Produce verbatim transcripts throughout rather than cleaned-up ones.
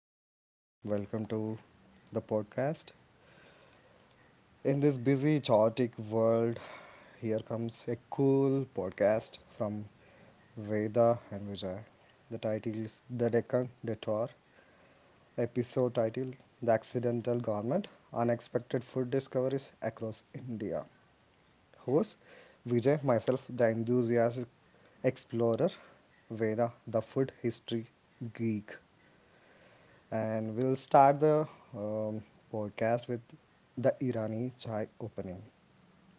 Uh, welcome to the podcast. In this busy, chaotic world, here comes a cool podcast from Veda and Vijay. The title is The Deccan Detour. Episode title: The Accidental Garment, Unexpected Food Discoveries Across India. Host Vijay, myself, the enthusiastic explorer, Veda, the food history geek. And we'll start the um, podcast with the Irani chai opening.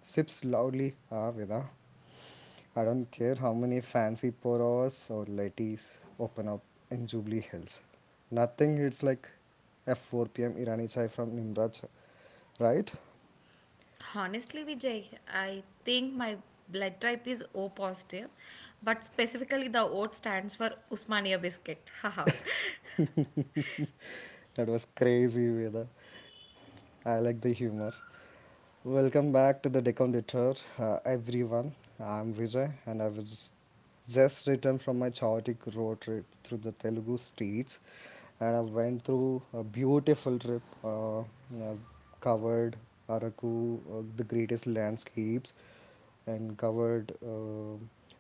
Sips loudly, ah, Vida. I don't care how many fancy poros or ladies open up in Jubilee Hills. Nothing hits like F four pm Irani chai from Nimraj, right? Honestly, Vijay, I think my blood type is O positive, but specifically the O stands for Usmania biscuit. Haha. That was crazy, Vida. I like the humor. Welcome back to the Decon Tour, uh, everyone. I'm Vijay, and I was just returned from my chaotic road trip through the Telugu streets, and I went through a beautiful trip, uh, uh, covered Araku, uh, the greatest landscapes, and covered uh,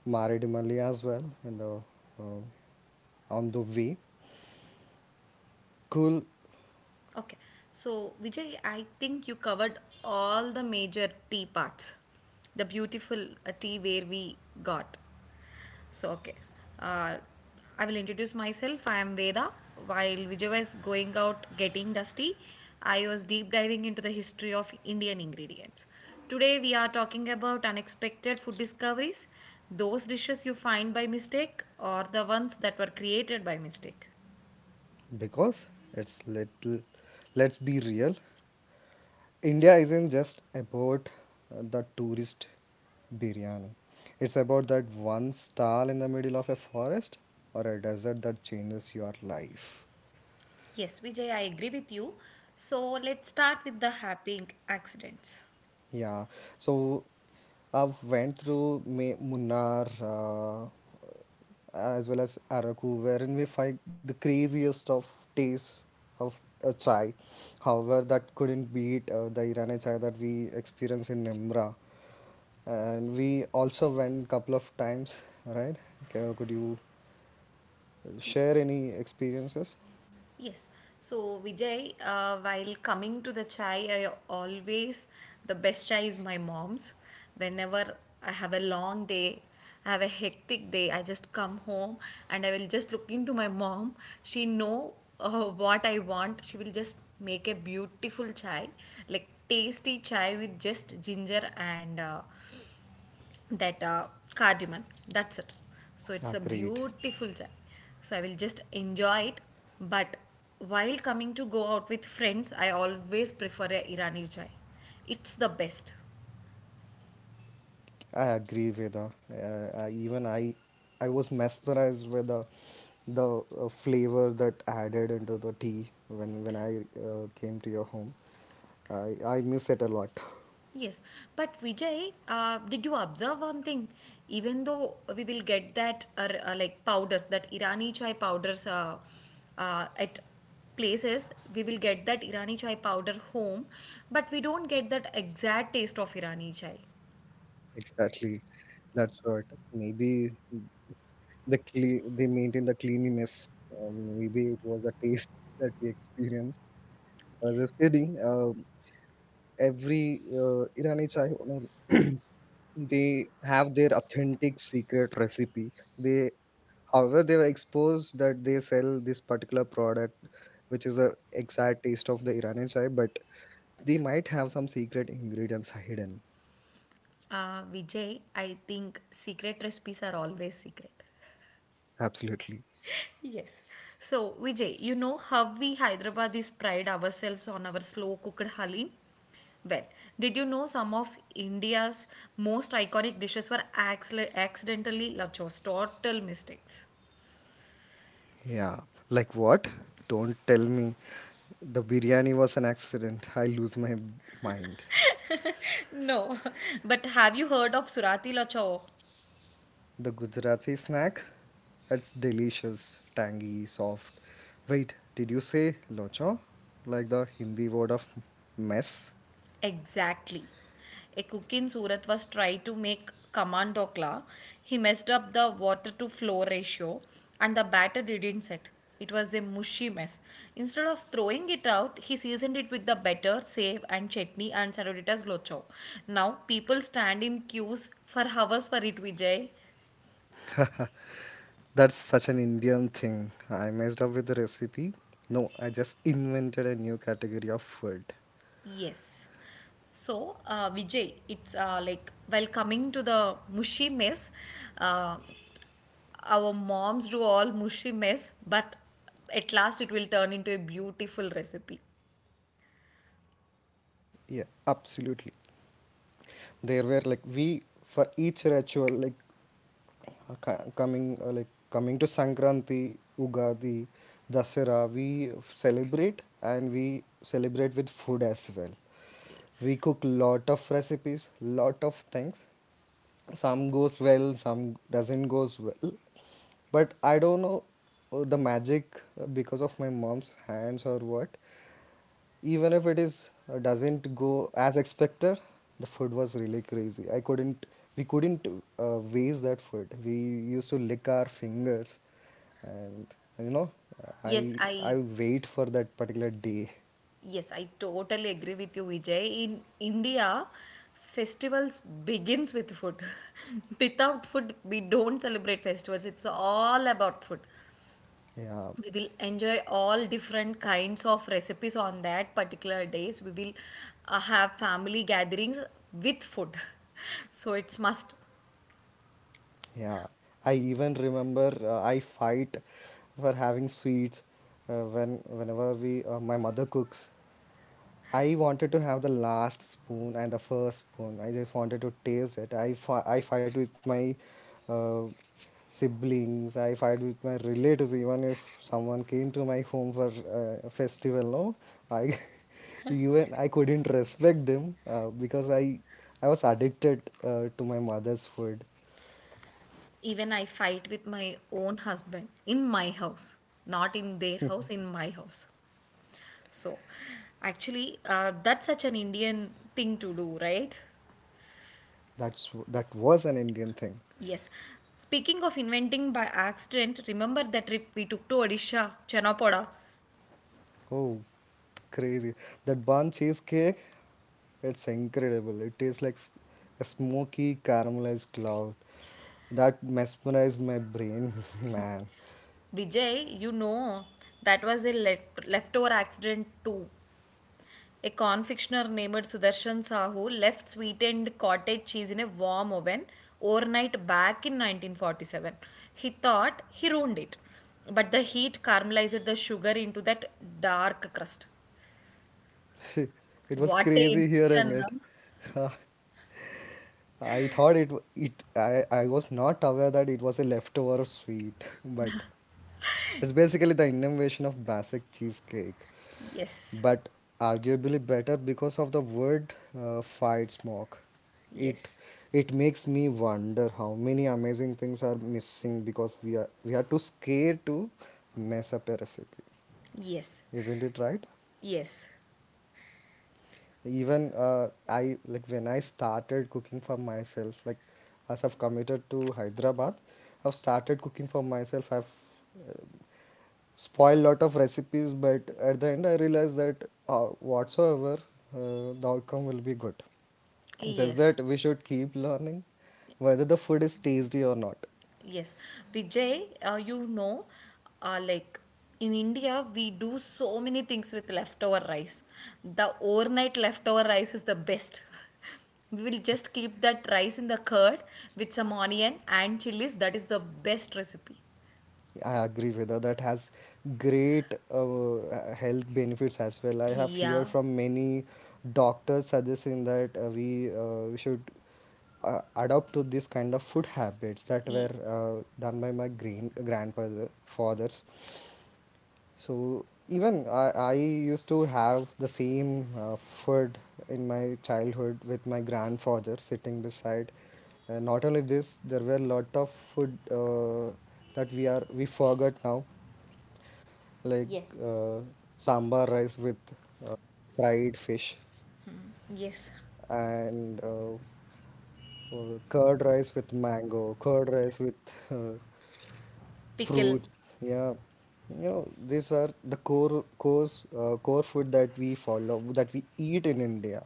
Maridimali as well in the uh, on the way. Cool, okay, so Vijay, I think you covered all the major tea parts. The beautiful uh, tea where we got. So, okay. Uh, I will introduce myself. I am Veda. While Vijay was going out getting dusty, I was deep diving into the history of Indian ingredients. Today, we are talking about unexpected food discoveries, those dishes you find by mistake, or the ones that were created by mistake. because it's little. Let's be real. India isn't just about uh, the tourist biryani. It's about that one stall in the middle of a forest or a desert that changes your life. Yes, Vijay, I agree with you. So, let's start with the happy inc- accidents. Yeah. So I've went through Ma- Munnar, uh, as well as Araku, wherein we find the craziest of tastes of a chai. However, that couldn't beat uh, the Irani chai that we experience in Nemra. And we also went couple of times, right? Okay, could you share any experiences? Yes. So Vijay, uh, while coming to the chai, I always the best chai is my mom's. Whenever I have a long day, I have a hectic day, I just come home and I will just look into my mom. She know uh, what I want. She will just make a beautiful chai, like tasty chai with just ginger and uh, that uh, cardamom. That's it. So Ah, it's a great. beautiful chai. So I will just enjoy it. But while coming to go out with friends, I always prefer a Irani chai. It's the best. I agree, Veda. Uh, I, even I, I was mesmerized with the, the uh, flavor that added into the tea when when I uh, came to your home. I I miss it a lot. Yes, but Vijay, uh, did you observe one thing? Even though we will get that uh, uh, like powders, that Irani chai powders uh, uh, at places we will get that irani chai powder home, but we don't get that exact taste of irani chai. Exactly, that's what. Maybe the cle- they maintain the cleanliness. Um, maybe it was the taste that we experienced. I was Yes. just kidding. Um every uh, Irani chai, owner, they have their authentic secret recipe. They However, they were exposed that they sell this particular product, which is a exact taste of the Iranian chai, but they might have some secret ingredients hidden. Uh, Vijay, I think secret recipes are always secret. Absolutely. Yes. So, Vijay, you know how we Hyderabadis pride ourselves on our slow cooked halim? Well, did you know some of India's most iconic dishes were accidentally, accidentally lachos? Total mistakes. Yeah. Like what? Don't tell me the biryani was an accident. I lose my mind. No, but have you heard of Surati lacho? The Gujarati snack? It's delicious, tangy, soft. Wait, did you say locha? Like the Hindi word of mess? Exactly. A cook in Surat was trying to make command dokla. He messed up the water to flow ratio and the batter didn't set. It was a mushy mess. Instead of throwing it out, he seasoned it with the batter, save and chutney and served it as locho. Now people stand in queues for hours for it, Vijay. That's such an Indian thing. I messed up with the recipe. No, I just invented a new category of food. Yes. So, uh, Vijay, it's uh, like while coming to the mushy mess, uh, our moms do all mushy mess, but at last it will turn into a beautiful recipe. Yeah, absolutely. There were like we for each ritual like uh, co- coming uh, like coming to Sankranti, Ugadi, Dasara, we celebrate and we celebrate with food as well. We cook lot of recipes, lot of things. Some goes well, some doesn't goes well. But I don't know uh, the magic uh, because of my mom's hands or what. Even if it is uh, doesn't go as expected, the food was really crazy. I couldn't, we couldn't uh, waste that food. We used to lick our fingers, and you know, Yes, I I I wait for that particular day. yes, I totally agree with you, Vijay. In India, festivals begins with food. Without food, we don't celebrate festivals. It's all about food. Yeah, We will enjoy all different kinds of recipes on that particular days. We will uh, have family gatherings with food. So it's must. yeah. I even remember uh, I fight for having sweets uh, when whenever we uh, my mother cooks I wanted to have the last spoon and the first spoon. I just wanted to taste it. I, fi- I fight with my uh, siblings. I fight with my relatives. Even if someone came to my home for uh, a festival, no, I even I couldn't respect them uh, because I I was addicted uh, to my mother's food. Even I fight with my own husband in my house, not in their house, in my house. So, actually, uh, that's such an Indian thing to do, right? That's that was an Indian thing. Yes. Speaking of inventing by accident, remember the trip we took to Odisha, Chanapoda? Oh, crazy! That bun cheesecake, it's incredible. It tastes like s- a smoky caramelized cloud that mesmerized my brain. Man, Vijay, you know, that was a le- leftover accident too. A confectioner named Sudarshan Sahu left sweetened cottage cheese in a warm oven overnight back in nineteen forty-seven. He thought he ruined it, but the heat caramelized the sugar into that dark crust. it was What a crazy hearing invention! Huh? it. I thought it w- it I, I was not aware that it was a leftover sweet, but it's basically the innovation of basic cheesecake. Yes, But arguably better because of the word uh, fight smoke. it yes, it makes me wonder how many amazing things are missing because we are we are too scared to mess up a recipe, yes, isn't it right? yes, Even uh, I, like when I started cooking for myself, like as I've committed to Hyderabad, I've started cooking for myself. I've spoiled lot of recipes, but at the end I realized that uh, whatsoever uh, the outcome will be good. Just yes. that we should keep learning whether the food is tasty or not. Yes, Vijay, uh, you know, uh, like in India, we do so many things with leftover rice. The overnight leftover rice is the best. We will just keep that rice in the curd with some onion and chilies. That is the best recipe. I agree with her. That has great uh, health benefits as well. I have Yeah. heard from many doctors suggesting that uh, we uh, we should uh, adopt to this kind of food habits that E- were uh, done by my green grandfather fathers. So even I, I used to have the same uh, food in my childhood with my grandfather sitting beside. And not only this, there were lot of food uh, that we are we forgot now, like Yes. uh, sambar rice with uh, fried fish yes. and uh, uh, curd rice with mango, curd rice with uh, Pickle. fruits, yeah. You know these are the core course uh, core food that we follow that we eat in India.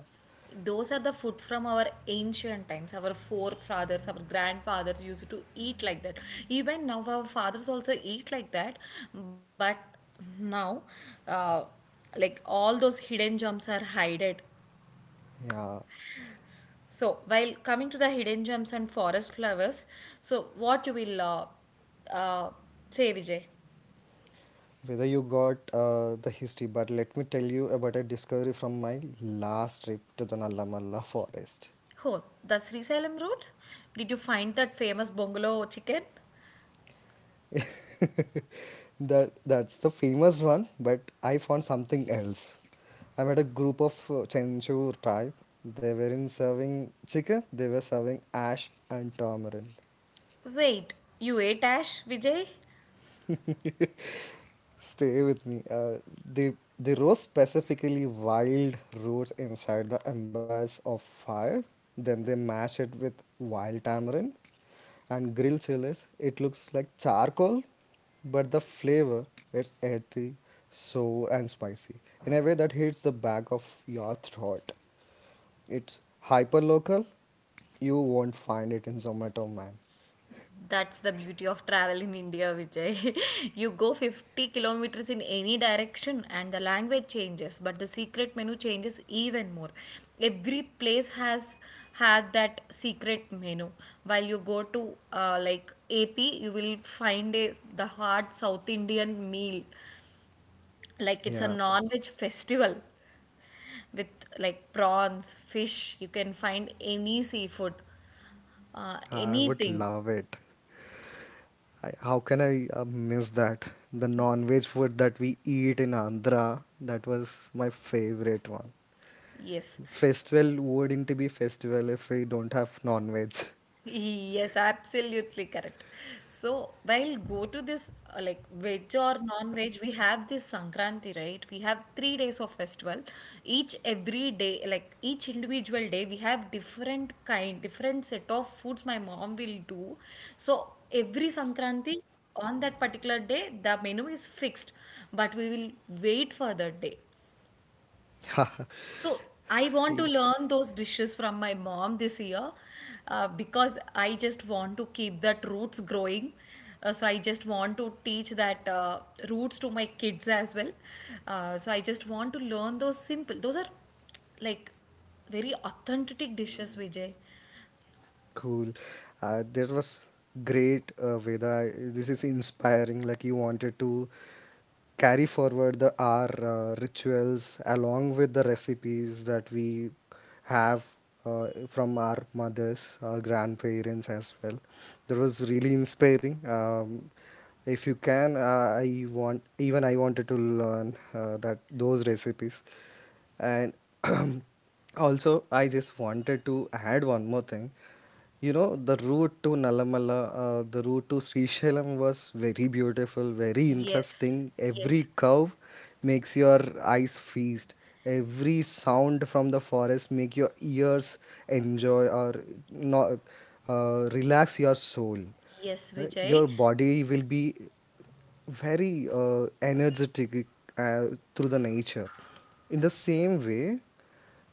Those are the food from our ancient times, our forefathers, our grandfathers used to eat like that. Even now our fathers also eat like that, but now, uh, like all those hidden gems are hided. Yeah, So while coming to the hidden gems and forest flowers, so what you will uh, uh, say, Vijay? whether you got uh, the history, but let me tell you about a discovery from my last trip to the Nallamala forest. Oh, the Sri Salem road, did you find that famous bungalow chicken? That that's the famous one, but I found something else. I met a group of uh, Chenchu tribe. They were in serving chicken, they were serving ash and tamarind. Wait, you ate ash, Vijay? Stay with me. Uh, they they roast specifically wild roots inside the embers of fire. Then they mash it with wild tamarind and grill chilies. It looks like charcoal, but the flavor, it's earthy, sour, and spicy in a way that hits the back of your throat. It's hyper local. You won't find it in Zomato, man. That's the beauty of travel in India, Vijay. You go fifty kilometers in any direction and the language changes, but the secret menu changes even more. Every place has had that secret menu. While you go to uh, like A P, you will find a, the hard South Indian meal. Like it's a Yeah, non-veg festival with like prawns, fish. You can find any seafood, uh, I would anything. love it. I, how can I uh, miss that? The non-veg food that we eat in Andhra, that was my favorite one. Yes. Festival wouldn't be festival if we don't have non-veg. Yes, absolutely correct. So while go to this uh, like veg or non-veg, we have this Sankranti, right? We have three days of festival. Each every day, like each individual day, we have different kind, different set of foods my mom will do. So every Sankranti on that particular day, the menu is fixed, but we will wait for that day. So I want to learn those dishes from my mom this year, uh, because I just want to keep that roots growing. Uh, so I just want to teach that uh, roots to my kids as well. Uh, so I just want to learn those simple. Those are like very authentic dishes, Vijay. Cool. Uh, that was great, uh, Veda. This is inspiring. Like you wanted to carry forward the our uh, rituals along with the recipes that we have uh, from our mothers, our grandparents as well. That was really inspiring. Um, if you can, uh, I want even I wanted to learn uh, that those recipes, and also, I just wanted to add one more thing. You know, the route to Nalamala, uh, the route to Srisailam was very beautiful, very Yes, interesting. Every yes, curve makes your eyes feast. Every sound from the forest make your ears enjoy or not, uh, relax your soul. yes, Right? Vijay. Your body will be very uh, energetic uh, through the nature. In the same way,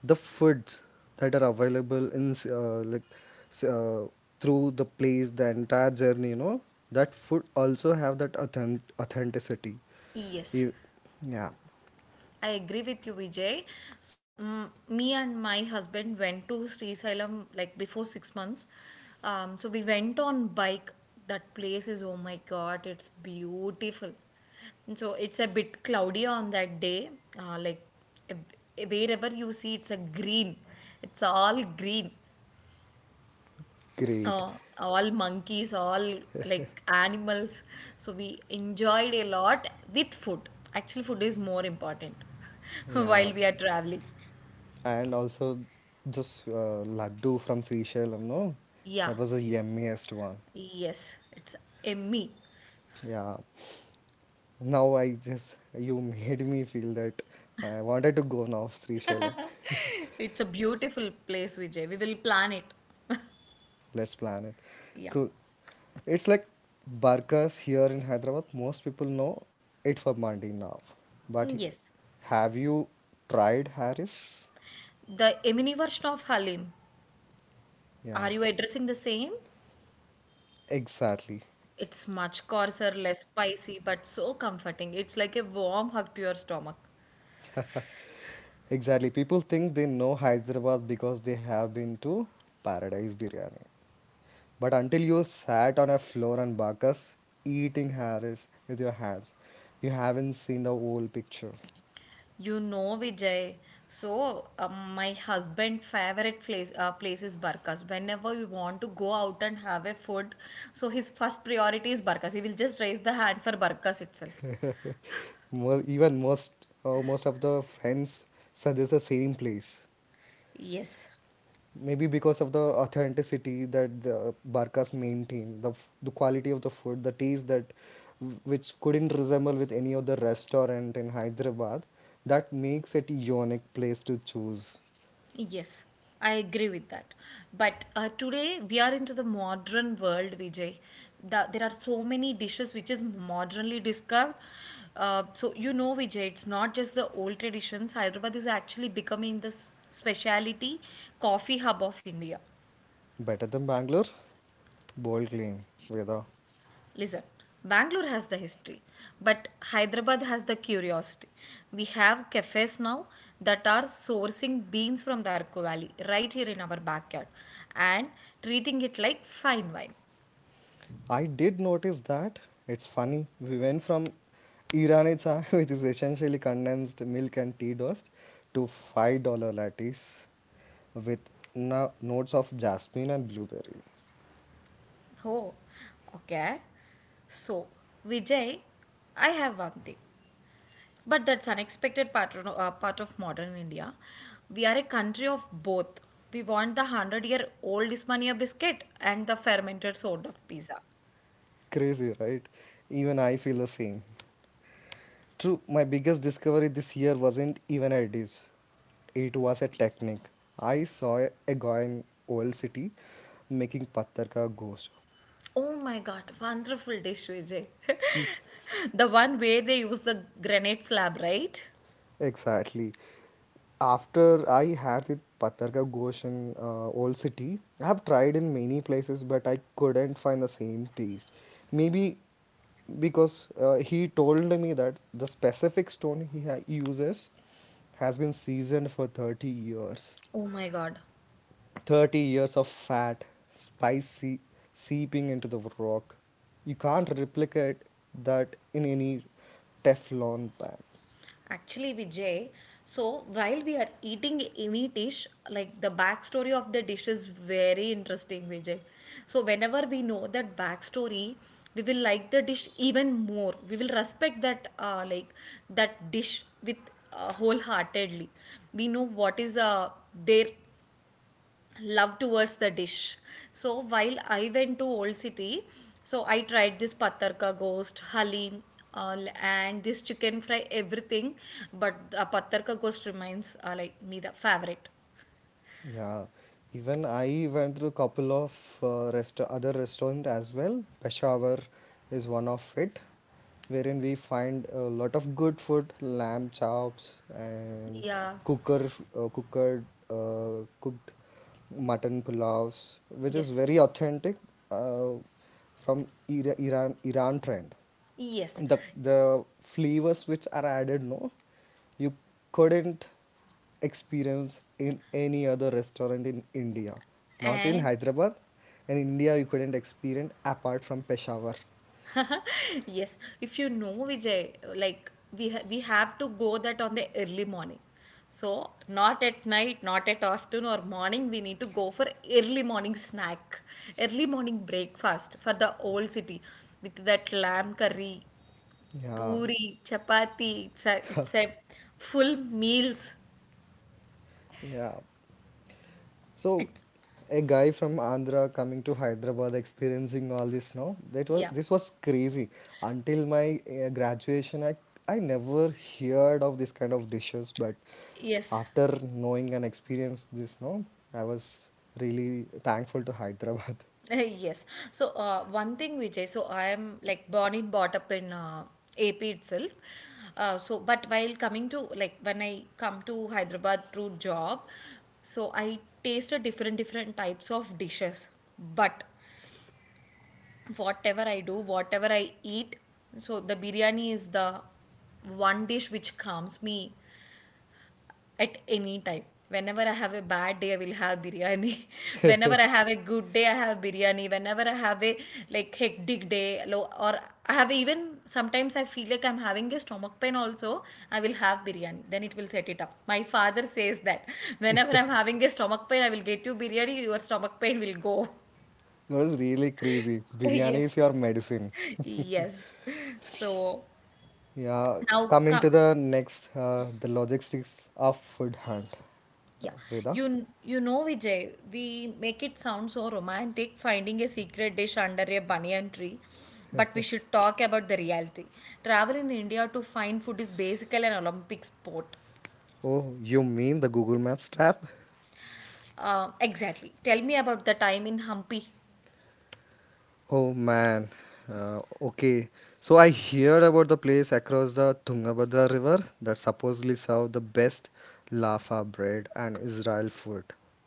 the foods that are available in s- uh, like s- uh, through the place, the entire journey, you know, that food also have that authentic authenticity. Yes. You, yeah, I agree with you, Vijay. So, mm, me and my husband went to Sri Sailam like before six months. Um, so, we went on bike. That place is, oh my God, it's beautiful. And so, it's a bit cloudy on that day. Uh, like, eh, eh, wherever you see, it's a green. It's all green, great. uh, all monkeys, all like animals. So we enjoyed a lot with food. Actually, food is more important Yeah, while we are traveling. and also this uh, laddu from Seychelles, you know, Yeah, that was the yummiest one. yes, it's a me. Yeah, now I just, you made me feel that I wanted to go now Seychelles. It's a beautiful place, Vijay. We will plan it. Let's plan it. Yeah, Cool. It's like burgers here in Hyderabad. Most people know it for Mandi now. But y- yes. have you tried Harris? The Emini version of Halim. Yeah, Are you addressing the same? exactly. It's much coarser, less spicy, but so comforting. It's like a warm hug to your stomach. Exactly. People think they know Hyderabad because they have been to Paradise Biryani. But until you sat on a floor and burgers, eating Harris with your hands, you haven't seen the whole picture. You know, Vijay. So, um, my husband' favorite place uh, place is Barkas. Whenever we want to go out and have a food, so his first priority is Barkas. He will just raise the hand for Barkas itself. Mo even most uh, most of the friends said it's the same place. Yes, Maybe because of the authenticity that the Barca's main team, the f- the quality of the food, the taste that which couldn't resemble with any other restaurant in Hyderabad, that makes it a unique place to choose. yes, I agree with that. But uh, today we are into the modern world, Vijay. The, there are so many dishes which is modernly discovered. Uh, so you know, Vijay, it's not just the old traditions. Hyderabad is actually becoming the s- speciality coffee hub of India. Better than Bangalore? Bold claim, Veda. Listen, Bangalore has the history, but Hyderabad has the curiosity. We have cafes now that are sourcing beans from the Arku Valley right here in our backyard and treating it like fine wine. I did notice that. It's funny. We went from Irani chai, which is essentially condensed milk and tea dust, to five dollars lattes with no- notes of jasmine and blueberry. Oh, okay. So, Vijay, I have one thing, but that's unexpected part, uh, part of modern India. We are a country of both. We want the one hundred year old Ismania biscuit and the fermented sort of pizza. Crazy, right? Even I feel the same. True, my biggest discovery this year wasn't even a dish. It was a technique. I saw a guy in old city making patthar ka ghost. Oh my god, wonderful dish, Vijay. The one where they use the granite slab, right? Exactly. After I had the Patarka Ghosh in uh, Old City, I have tried in many places, but I couldn't find the same taste. Maybe because uh, he told me that the specific stone he ha- uses has been seasoned for thirty years. Oh my god. thirty years of fat, spicy, seeping into the rock. You can't replicate that in any Teflon pan. Actually, Vijay, so while we are eating any dish, like the backstory of the dish is very interesting, Vijay. So, whenever we know that backstory, we will like the dish even more. We will respect that, uh, like that dish with uh, wholeheartedly. We know what is uh, their love towards the dish. So while I went to Old City, so I tried this patar ka ghost, halim, uh, and this chicken fry, everything. But the patar ka ghost remains uh, like me the favorite. Yeah, even I went through couple of uh, rest other restaurant as well. Peshawar is one of it, wherein we find a lot of good food, lamb chops and Yeah. cooker uh, cookered uh, cooked mutton pulavs, which is Yes. very authentic uh, from Ira- Iran Iran trend. Yes. the the flavors which are added no, you couldn't experience in any other restaurant in India, not in And Hyderabad, in India you couldn't experience apart from Peshawar. yes, if you know, Vijay, like we ha- we have to go that on the early morning, so not at night, not at afternoon or morning, we need to go for early morning snack, early morning breakfast for the old city with that lamb curry, Yeah, puri, chapati. It's a it's a full meals. yeah. So, It's a guy from Andhra coming to Hyderabad, experiencing all this now, that was yeah, this was crazy. Until my uh, graduation, I I never heard of this kind of dishes, but yes. after knowing and experience this now, I was really thankful to Hyderabad. Yes. So, uh, one thing, Vijay, so I am like born and brought up in uh, A P itself. Uh, so, but while coming to like when I come to Hyderabad through job, so I tasted different different types of dishes. But whatever I do, whatever I eat, so the biryani is the one dish which calms me at any time. Whenever I have a bad day, I will have biryani. Whenever I have a good day, I have biryani. Whenever I have a like hectic day, lo- or I have even sometimes I feel like I'm having a stomach pain also, I will have biryani. Then it will set it up. My father says that whenever I'm having a stomach pain, I will get you biryani, your stomach pain will go. It was really crazy. Biryani yes. is your medicine. Yes. So Yeah, now coming come. to the next, uh, the logistics of food hunt. Yeah, Uh, Veda. you kn- you know, Vijay, we make it sound so romantic finding a secret dish under a banyan tree, but we should talk about the reality. Travel in India to find food is basically an Olympic sport. Oh, you mean the Google Maps trap? Uh, exactly. Tell me about the time in Hampi. Oh man. Uh, okay. So I heard about the place across the Tungabhadra River that supposedly serve the best laffa bread and Israel food.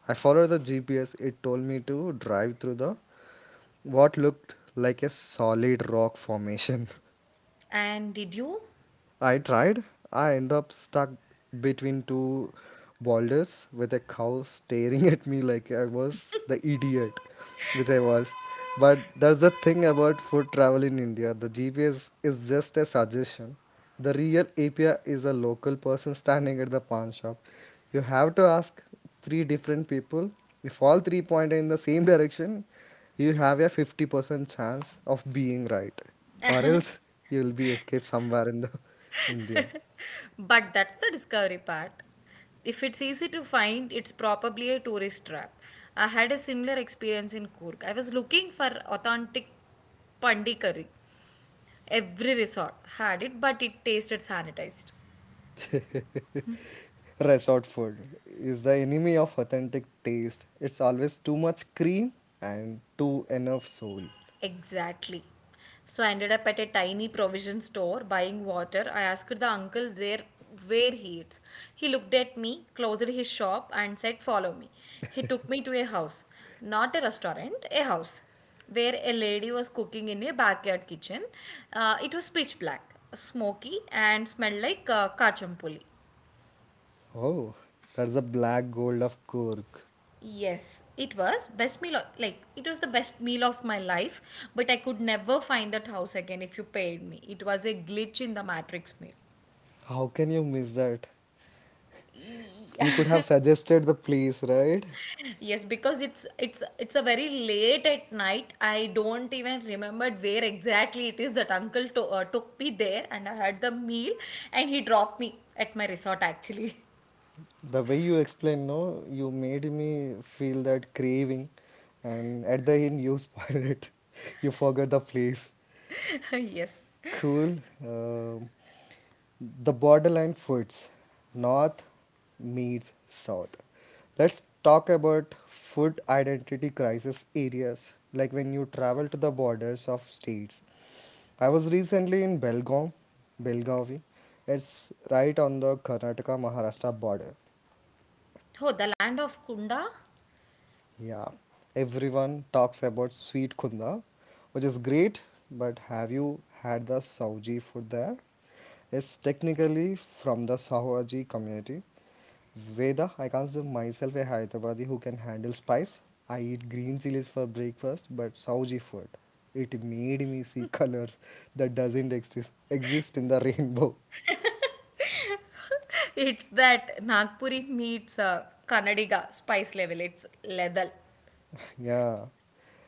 I followed the G P S. It told me to drive through the what looked like a solid rock formation. And did you? I tried. I end up stuck between two boulders with a cow staring at me like I was the idiot, which I was. But that's the thing about food travel in India. The G P S is just a suggestion. The real A P I is a local person standing at the pawn shop. You have to ask three different people. If all three point in the same direction, you have a fifty percent chance of being right. Or else you will be escaped somewhere in the India. But that's the discovery part. If it's easy to find, it's probably a tourist trap. I had a similar experience in Kurk. I was looking for authentic pandi curry. Every resort had it, but it tasted sanitized. Resort food is the enemy of authentic taste. It's always too much cream and too enough soul. Exactly. So I ended up at a tiny provision store buying water. I asked the uncle there where he eats. He looked at me, closed his shop, and said, "Follow me." He took me to a house, not a restaurant, a house, where a lady was cooking in a backyard kitchen. Uh, it was pitch black, smoky, and smelled like uh, kachampuli. Oh, that's the black gold of Cork. Yes, it was best meal o- like it was the best meal of my life, but I could never find that house again if you paid me. It was a glitch in the matrix meal. How can you miss that? You could Yeah. have suggested the place, right? Yes, because it's it's it's a very late at night. I don't even remember where exactly it is that uncle to, uh, took me there and I had the meal, and he dropped me at my resort actually. The way you explained, no, you made me feel that craving, and at the end, you spoiled it. You forgot the place. Yes. Cool. Um the borderline foods, North meets South. Let's talk about food identity crisis areas, like when you travel to the borders of states. I was recently in Belgaum, Belgavi. It's right on the Karnataka Maharashtra border. Oh, the land of Kunda? Yeah, everyone talks about sweet khunda, which is great, but have you had the Sauji food there? It's technically from the Sahuaji community. Veda, I consider myself a Hyderabadi who can handle spice. I eat green chilies for breakfast, but Sauji food. It made me see colors that doesn't exist exist in the rainbow. It's that Nagpuri meets uh, Kannadiga spice level. It's level. Yeah,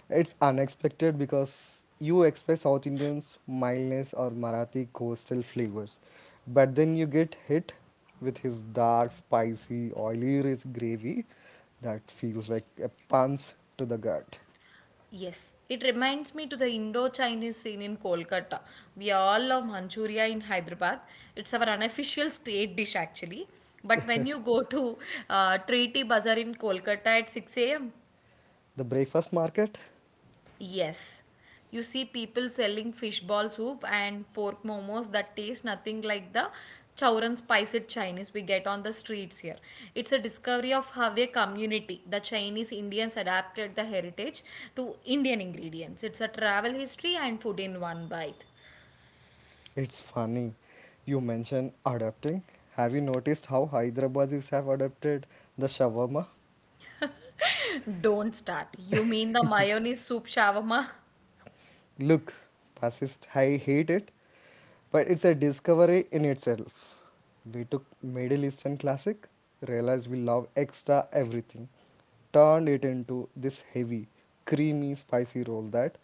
it's unexpected because you expect South Indians mildness or Marathi coastal flavors, but then you get hit with his dark, spicy, oily rich gravy that feels like a punch to the gut. Yes, it reminds me to the Indo-Chinese scene in Kolkata. We all love Manchuria in Hyderabad. It's our unofficial state dish actually. But when you go to uh, Treaty Bazaar in Kolkata at six a m, The breakfast market, yes. You see people selling fish ball soup and pork momos that taste nothing like the chowran spiced Chinese we get on the streets here. It's a discovery of how a community, the Chinese Indians, adapted the heritage to Indian ingredients. It's a travel history and food in one bite. it's funny. You mentioned adapting. Have you noticed how Hyderabadis have adapted the shawarma? Don't start. You mean the mayonnaise soup shawarma? Look, fascist, I hate it, but it's a discovery in itself. We took Middle Eastern classic, realized we love extra everything, turned it into this heavy, creamy, spicy roll that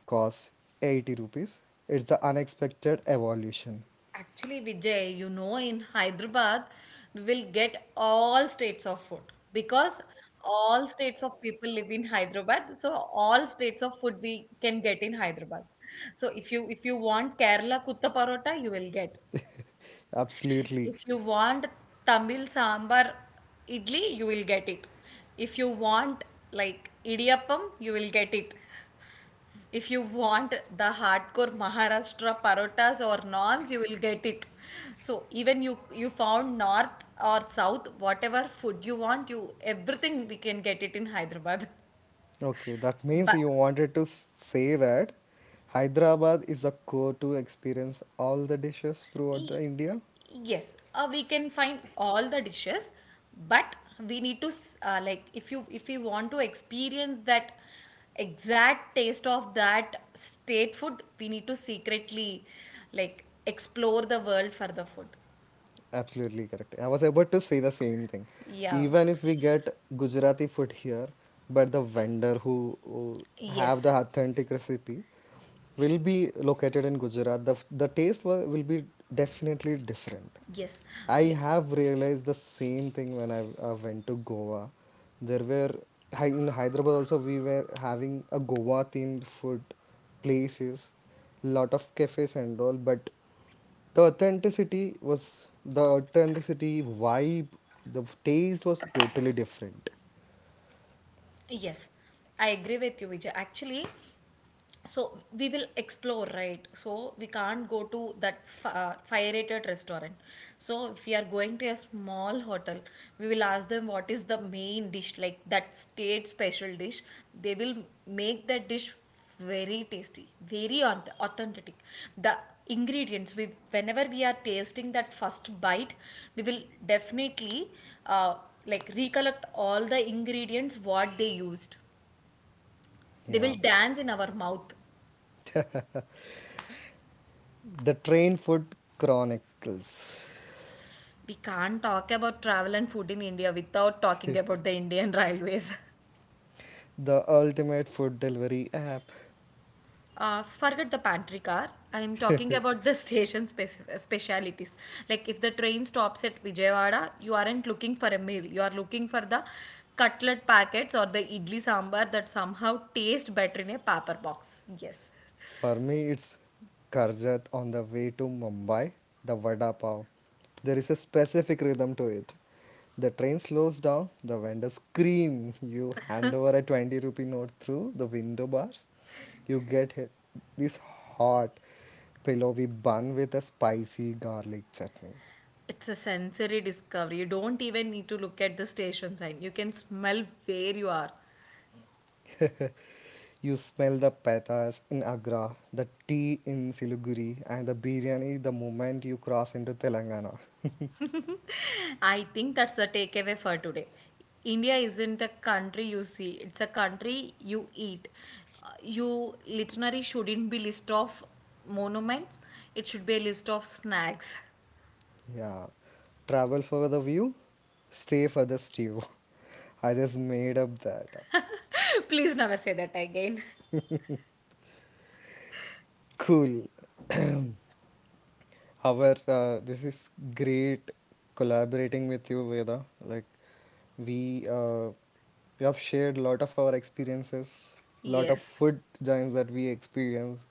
costs eighty rupees. It's the unexpected evolution. Actually, Vijay, you know, in Hyderabad, we will get all states of food because all states of people live in Hyderabad. So all states of food we can get in Hyderabad. So if you if you want Kerala kutta parota, you will get. Absolutely. If you want Tamil sambar idli, you will get it. If you want like idiyappam, you will get it. If you want the hardcore Maharashtra parotas or naans, you will get it. So even you you found north or south, whatever food you want, you everything we can get it in Hyderabad. Okay, that means But you wanted to s- say that Hyderabad is the core to experience all the dishes throughout the y- India? yes, uh, we can find all the dishes, but we need to s- uh, like if you if you want to experience that exact taste of that state food, we need to secretly like explore the world for the food. Absolutely correct. I was about to say the same thing. Yeah, Even if we get Gujarati food here, but the vendor who, who have the yes, authentic recipe will be located in Gujarat. The, f- the taste will, will be definitely different. yes, I yeah, have realized the same thing when I, I went to Goa. There were Hy- in Hyderabad also we were having a Goa themed food places, lot of cafes and all, but the authenticity was the authenticity vibe, the taste was totally different. yes. I agree with you, Vijay. Actually, so we will explore right so we can't go to that fi- uh, fire rated restaurant, so if we are going to a small hotel, we will ask them what is the main dish, like that state special dish. They will make that dish very tasty, very auth- authentic. The ingredients, we whenever we are tasting that first bite, we will definitely uh, like recollect all the ingredients what they used. They Yeah. will dance in our mouth. The Train Food Chronicles, We can't talk about travel and food in India without talking about the Indian railways. the ultimate food delivery app. Uh, forget the pantry car. I am talking about the station speci- specialities. Like if the train stops at Vijayawada, you aren't looking for a meal. You are looking for the cutlet packets or the idli sambar that somehow taste better in a paper box. Yes. For me, it's Karjat on the way to Mumbai, the vada pav. There is a specific rhythm to it. The train slows down, the vendors scream, you hand over a twenty rupee note through the window bars. You get he- this hot, pillowy bun with a spicy garlic chutney. It's a sensory discovery. You don't even need to look at the station sign. You can smell where you are. You smell the petas in Agra, the tea in Siliguri, and the biryani the moment you cross into Telangana. I think that's the takeaway for today. India isn't a country you see, it's a country you eat. Uh, You literally shouldn't be list of monuments, it should be a list of snacks. Yeah, travel for the view, stay for the stew. I just made up that. Please never say that again. Cool. However, uh, this is great collaborating with you, Veda. Like we uh, we have shared a lot of our experiences, lot of Yes. food joints that we experienced,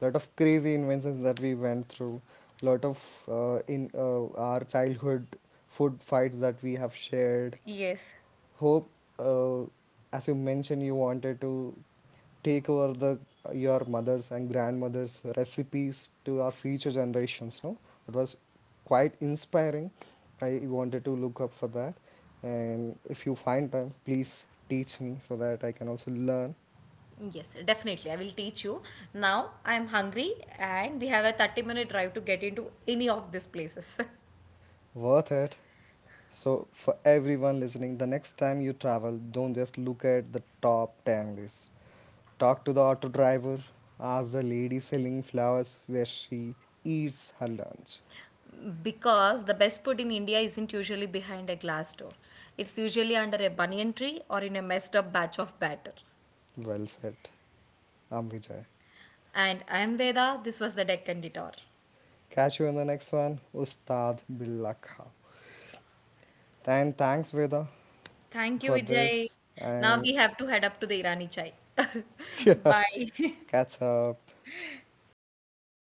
lot of crazy inventions that we went through, lot of uh, in uh, our childhood food fights that we have shared. Yes. Hope, uh, as you mentioned, you wanted to take over the your mother's and grandmother's recipes to our future generations. No, it was quite inspiring. I wanted to look up for that, and if you find time, please teach me so that I can also learn. Yes, definitely. I will teach you. Now I am hungry, and we have a thirty minute drive to get into any of these places. Worth it. So, for everyone listening, the next time you travel, don't just look at the top ten list. Talk to the auto driver, ask the lady selling flowers where she eats her lunch. Because the best food in India isn't usually behind a glass door. It's usually under a banyan tree or in a messed up batch of batter. Well said, I'm Vijay. And I am Veda, this was the Deccan Detour. Catch you in the next one, Ustad Billah Khan. And thanks, Veda, Thank you, for Vijay. this. Now And we have to head up to the Irani chai. Bye. catch up.